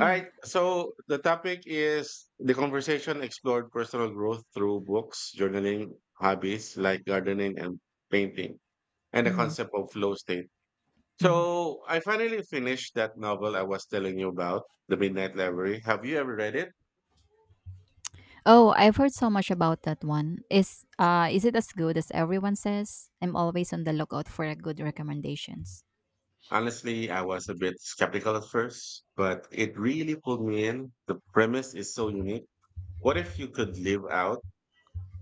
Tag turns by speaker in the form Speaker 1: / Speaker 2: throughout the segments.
Speaker 1: All right. So the topic is the conversation explored personal growth through books, journaling, hobbies like gardening and painting, and the
Speaker 2: Mhm,
Speaker 1: concept of flow state.
Speaker 2: mhm.
Speaker 1: So I finally finished that novel I was telling you about, The Midnight Library. Have you ever read it?
Speaker 2: Oh, I've heard so much about that one. Is it as good as everyone says? I'm always on the lookout for a good recommendations.
Speaker 1: Honestly, I was a bit skeptical at first, but it really pulled me in. The premise is so unique. What if you could live out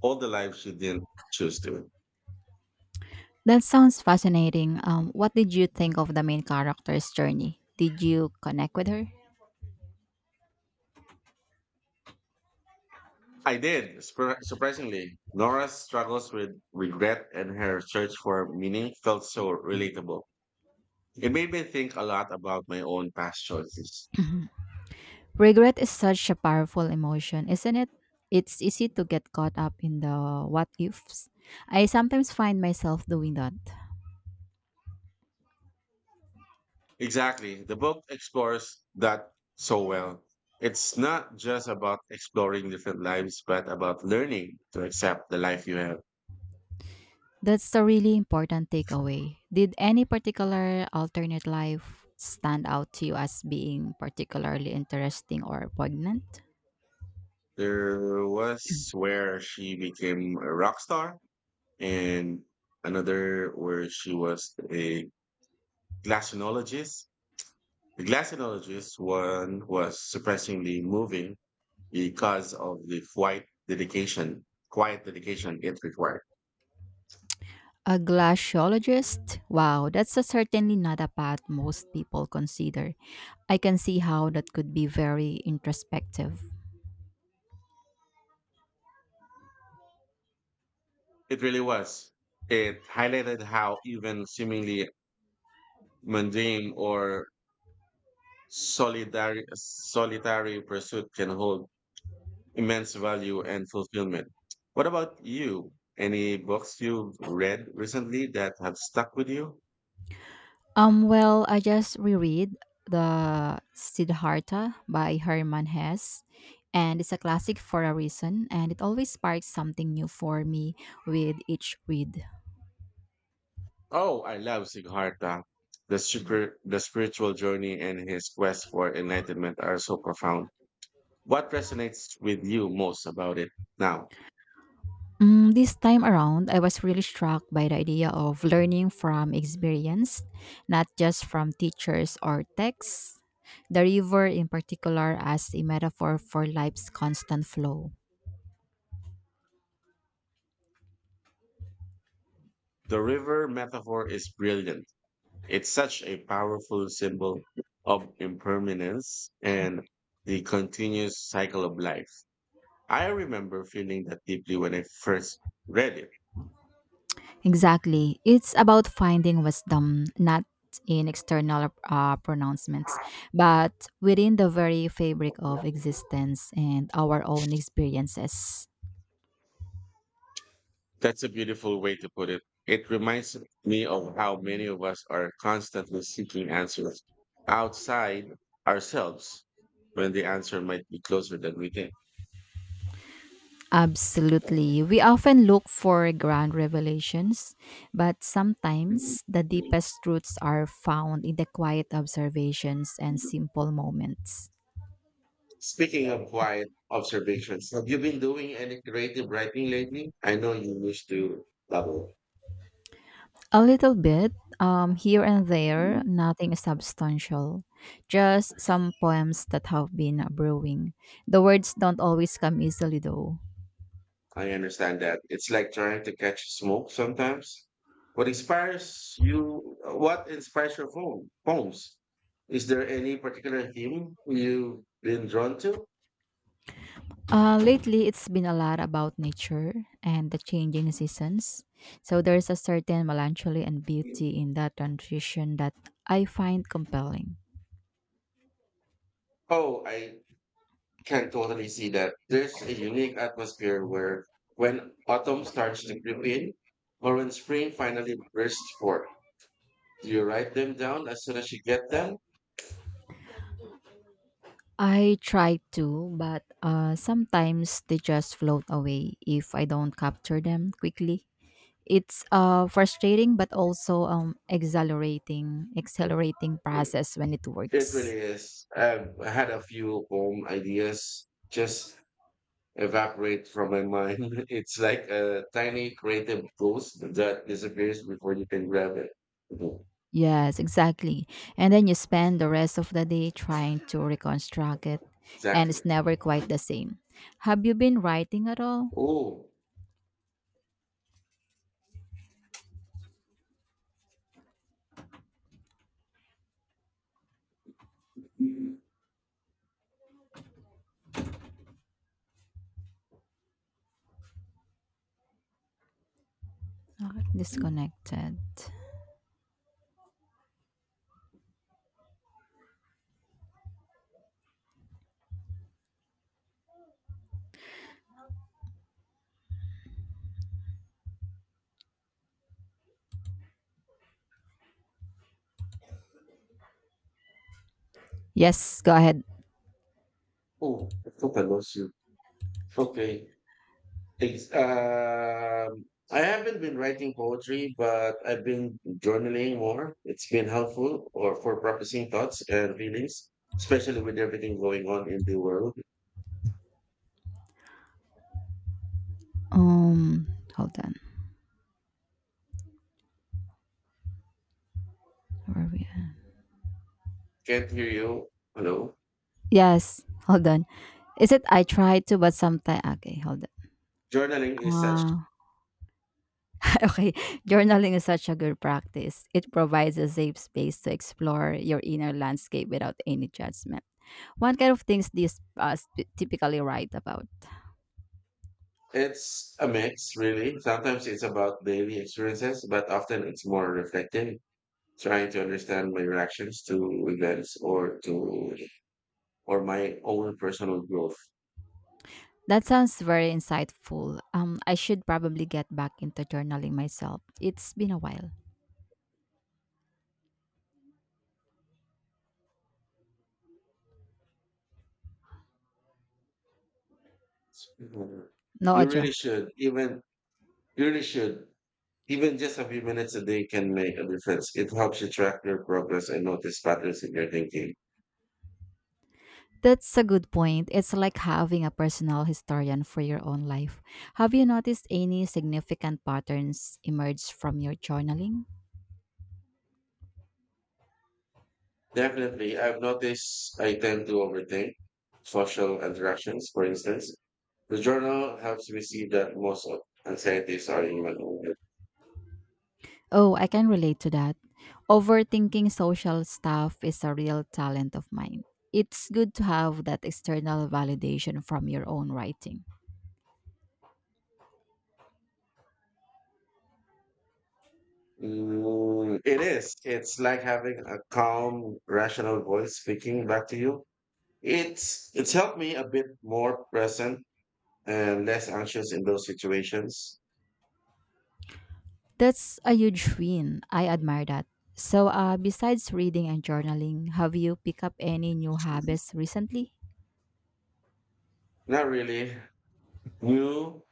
Speaker 1: all the lives you didn't choose to?
Speaker 2: That sounds fascinating. What did you think of the main character's journey? Did you connect with her?
Speaker 1: I did, surprisingly. Nora's struggles with regret and her search for meaning felt so relatable. It made me think a lot about my own past choices.
Speaker 2: Mhm. Regret is such a powerful emotion, isn't it? It's easy to get caught up in the what ifs. I sometimes find myself doing that.
Speaker 1: Exactly. The book explores that so well. It's not just about exploring different lives, but about learning to accept the life you have.
Speaker 2: That's a really important takeaway. Did any particular alternate life stand out to you as being particularly interesting or poignant?
Speaker 1: There was where she became a rock star, and another where she was a glaciologist. The glaciologist one was surprisingly moving because of the quiet dedication it required.
Speaker 2: A glaciologist? Wow, that's a certainly not a path most people consider. I can see how that could be very introspective.
Speaker 1: It really was. It highlighted how even seemingly mundane or solitary pursuit can hold immense value and fulfillment. What about you? Any books you've read recently that have stuck with you?
Speaker 2: Well, I just reread the Siddhartha by Hermann Hesse, and it's a classic for a reason, and it always sparks something new for me with each read.
Speaker 1: Oh, I love Siddhartha. The spiritual journey and his quest for enlightenment are so profound. What resonates with you most about it now?
Speaker 2: Mm, this time around, I was really struck by the idea of learning from experience, not just from teachers or texts. The river, in particular, as a metaphor for life's constant flow.
Speaker 1: The river metaphor is brilliant. It's such a powerful symbol of impermanence and the continuous cycle of life. I remember feeling that deeply when I first read it.
Speaker 2: Exactly. It's about finding wisdom, not in external pronouncements, but within the very fabric of existence and our own experiences.
Speaker 1: That's a beautiful way to put it. It reminds me of how many of us are constantly seeking answers outside ourselves when the answer might be closer than we think.
Speaker 2: Absolutely. We often look for grand revelations, but sometimes the deepest truths are found in the quiet observations and simple moments.
Speaker 1: Speaking of quiet observations, have you been doing any creative writing lately? I know you used to dabble.
Speaker 2: A little bit, here and there, nothing substantial. Just some poems that have been brewing. The words don't always come easily, though.
Speaker 1: I understand that. It's like trying to catch smoke sometimes. What inspires you? What inspires your poems? Is there any particular theme you've been drawn to?
Speaker 2: Lately, it's been a lot about nature and the changing seasons. So there's a certain melancholy and beauty in that transition that I find compelling.
Speaker 1: Oh, I can totally see that. There's a unique atmosphere where when autumn starts to creep in, or when spring finally bursts forth. Do you write them down as soon as you get them?
Speaker 2: I try to, but sometimes they just float away if I don't capture them quickly. It's frustrating but also exhilarating
Speaker 1: Re-
Speaker 2: process when it
Speaker 1: It
Speaker 2: works.
Speaker 1: really is. I had a few poem ideas just evaporate from my mind. It's like a tiny creative ghost that disappears before you can grab it. Mhm.
Speaker 2: Yes, exactly, and then you spend the rest of the day trying to reconstruct it, and
Speaker 1: Exactly.
Speaker 2: it's never quite the same. Have you been writing at all?
Speaker 1: Oh,
Speaker 2: Okay, disconnected, yes, go ahead.
Speaker 1: oh, I thought I lost you. Okay. Ex- um, I haven't been writing poetry, but I've been journaling more. It's been helpful or for processing thoughts and feelings, especially with everything going on in the world.
Speaker 2: um Hold on, where are we at?
Speaker 1: Can't hear you. Hello.
Speaker 2: Yes, hold on. Is it I tried to but sometimes okay hold on.
Speaker 1: Journaling is such—
Speaker 2: Uh, Okay, journaling is such a good practice. It provides a safe space to explore your inner landscape without any judgment. What kind of things do you typically write about?
Speaker 1: It's a mix, really. Sometimes it's about daily experiences, but often it's more reflective, trying to understand my reactions to events or my own personal growth.
Speaker 2: That sounds very insightful. I should probably get back into journaling myself. It's been a while.
Speaker 1: Mhm.
Speaker 2: No,
Speaker 1: You really
Speaker 2: Ojo.
Speaker 1: should, even— you really should, even just a few minutes a day can make a difference. It helps you track your progress and notice patterns in your thinking.
Speaker 2: That's a good point. It's like having a personal historian for your own life. Have you noticed any significant patterns emerge from your journaling?
Speaker 1: Definitely, I've noticed I tend to overthink social interactions, for instance. The journal helps me see that most of anxieties are human.
Speaker 2: Oh, I can relate to that. Overthinking social stuff is a real talent of mine. It's good to have that external validation from your own writing.
Speaker 1: Mm, it is. It's like having a calm, rational voice speaking back to you. It's helped me a bit more present and less anxious in those situations.
Speaker 2: That's a huge win. I admire that. So, besides reading and journaling, have you picked up any new habits recently?
Speaker 1: Not really. You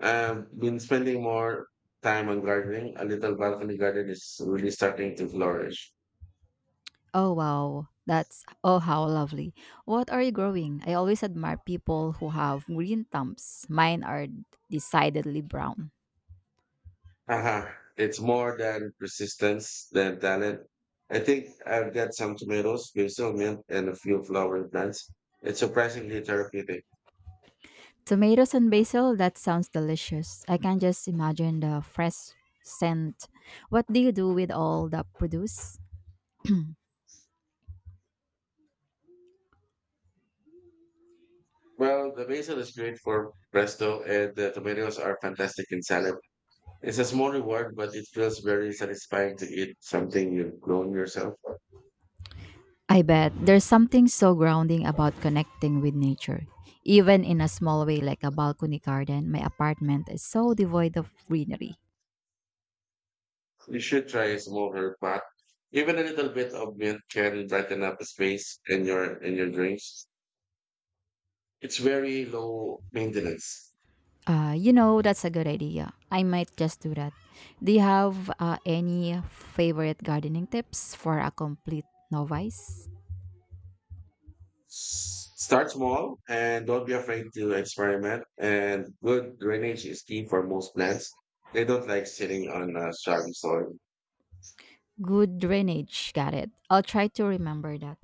Speaker 1: have been spending more time on gardening. A little balcony garden is really starting to flourish.
Speaker 2: Oh wow, that's oh how lovely. What are you growing? I always admire people who have green thumbs. Mine are decidedly brown.
Speaker 1: Uh-huh. It's more than persistence than talent. I think I've got some tomatoes, basil, mint, and a few flowering plants. It's surprisingly therapeutic.
Speaker 2: Tomatoes and basil, that sounds delicious. I can just imagine the fresh scent. What do you do with all the produce?
Speaker 1: Well, the basil is great for pesto, and the tomatoes are fantastic in salad. It's a small reward, but it feels very satisfying to eat something you've grown yourself.
Speaker 2: I bet there's something so grounding about connecting with nature. Even in a small way like a balcony garden, my apartment is so devoid of greenery.
Speaker 1: You should try a small herb pot. Even a little bit of mint can brighten up the space in your drinks. It's very low maintenance.
Speaker 2: You know, that's a good idea. I might just do that. Do you have any favorite gardening tips for a complete novice?
Speaker 1: Start small and don't be afraid to experiment. And good drainage is key for most plants. They don't like sitting on soggy soil.
Speaker 2: Good drainage, got it. I'll try to remember that.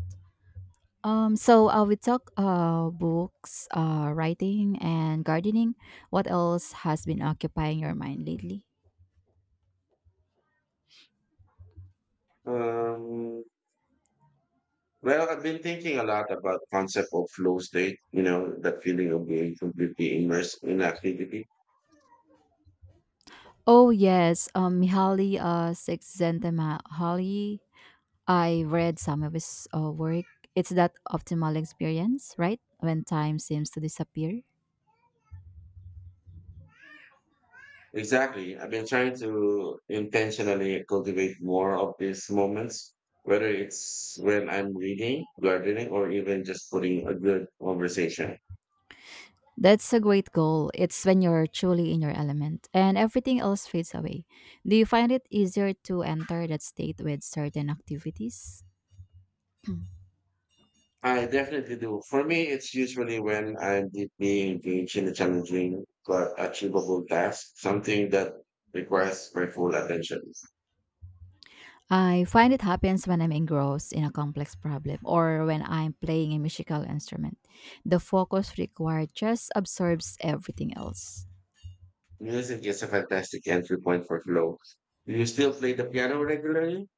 Speaker 2: We talk books, writing, and gardening. What else has been occupying your mind lately?
Speaker 1: Um, well, I've been thinking a lot about concept of flow state. You know, that feeling of being completely immersed in activity.
Speaker 2: Oh yes, Mihaly Csikszentmihalyi, I read some of his work. It's that optimal experience, right? When time seems to disappear.
Speaker 1: Exactly. I've been trying to intentionally cultivate more of these moments, whether it's when I'm reading, gardening, or even just putting a good conversation.
Speaker 2: That's a great goal. It's when you're truly in your element and everything else fades away. Do you find it easier to enter that state with certain activities?
Speaker 1: I definitely do. For me, it's usually when I'm deeply engaged in a challenging but achievable task, something that requires my full attention.
Speaker 2: I find it happens when I'm engrossed in a complex problem or when I'm playing a musical instrument. The focus required just absorbs everything else.
Speaker 1: Music is a fantastic entry point for flow. Do you still play the piano regularly?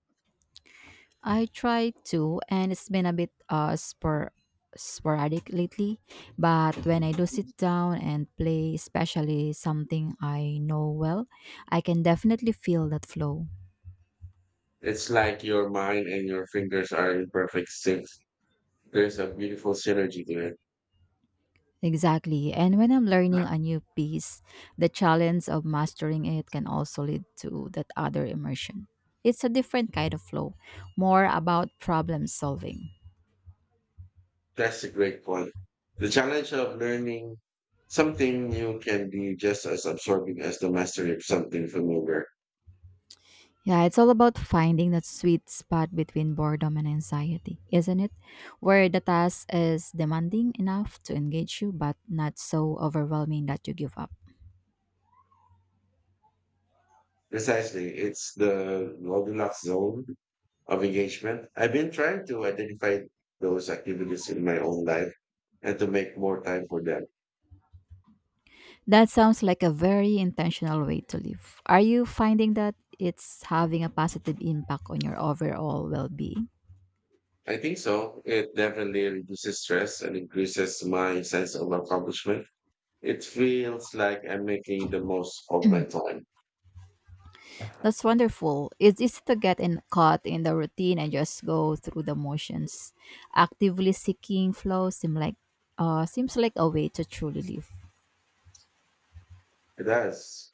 Speaker 2: I try to, and it's been a bit sporadic lately, but when I do sit down and play, especially something I know well, I can definitely feel that flow.
Speaker 1: It's like your mind and your fingers are in perfect sync. There's a beautiful synergy to it.
Speaker 2: Exactly. And when I'm learning a new piece, the challenge of mastering it can also lead to that other immersion. It's a different kind of flow, more about problem solving.
Speaker 1: That's a great point. The challenge of learning something new can be just as absorbing as the mastery of something familiar.
Speaker 2: Yeah, it's all about finding that sweet spot between boredom and anxiety, isn't it? Where the task is demanding enough to engage you, but not so overwhelming that you give up.
Speaker 1: Precisely. It's the Goldilocks zone of engagement. I've been trying to identify those activities in my own life and to make more time for them.
Speaker 2: That sounds like a very intentional way to live. Are you finding that it's having a positive impact on your overall well being?
Speaker 1: I think so. It definitely reduces stress and increases my sense of accomplishment. It feels like I'm making the most of my time.
Speaker 2: That's wonderful. It's easy to get in, caught in the routine and just go through the motions. Actively seeking flow seems like a way to truly live.
Speaker 1: It does.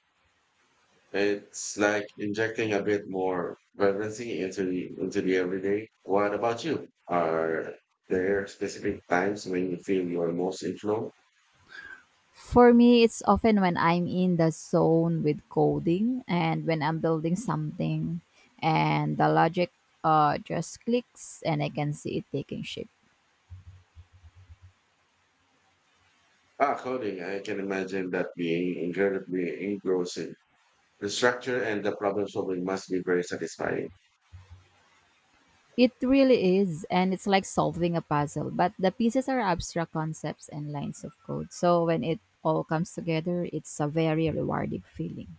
Speaker 1: It's like injecting a bit more vibrancy into the everyday. What about you? Are there specific times when you feel you are most inflow?
Speaker 2: For me, it's often when I'm in the zone with coding and when I'm building something and the logic just clicks and I can see it taking shape.
Speaker 1: Ah, coding. I can imagine that being incredibly engrossing. The structure and the problem solving must be very satisfying.
Speaker 2: It really is, and it's like solving a puzzle, but the pieces are abstract concepts and lines of code. So when it all comes together, it's a very rewarding feeling.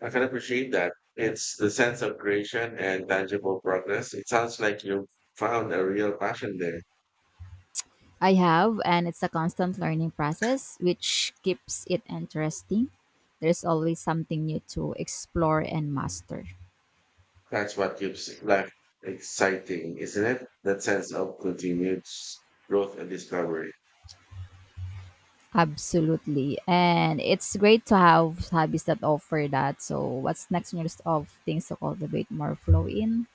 Speaker 1: I can appreciate that. It's the sense of creation and tangible progress. It sounds like you found a real passion there.
Speaker 2: I have, and it's a constant learning process which keeps it interesting. There's always something new to explore and master.
Speaker 1: That's what keeps life exciting, isn't it? That sense of continued growth and discovery.
Speaker 2: Absolutely. And it's great to have hobbies that offer that. So, what's next on your list of things to cultivate more flow in?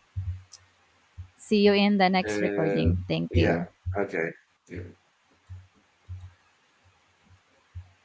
Speaker 2: See you in the next
Speaker 1: And
Speaker 2: recording. Thank
Speaker 1: yeah,
Speaker 2: you.
Speaker 1: okay. Yeah.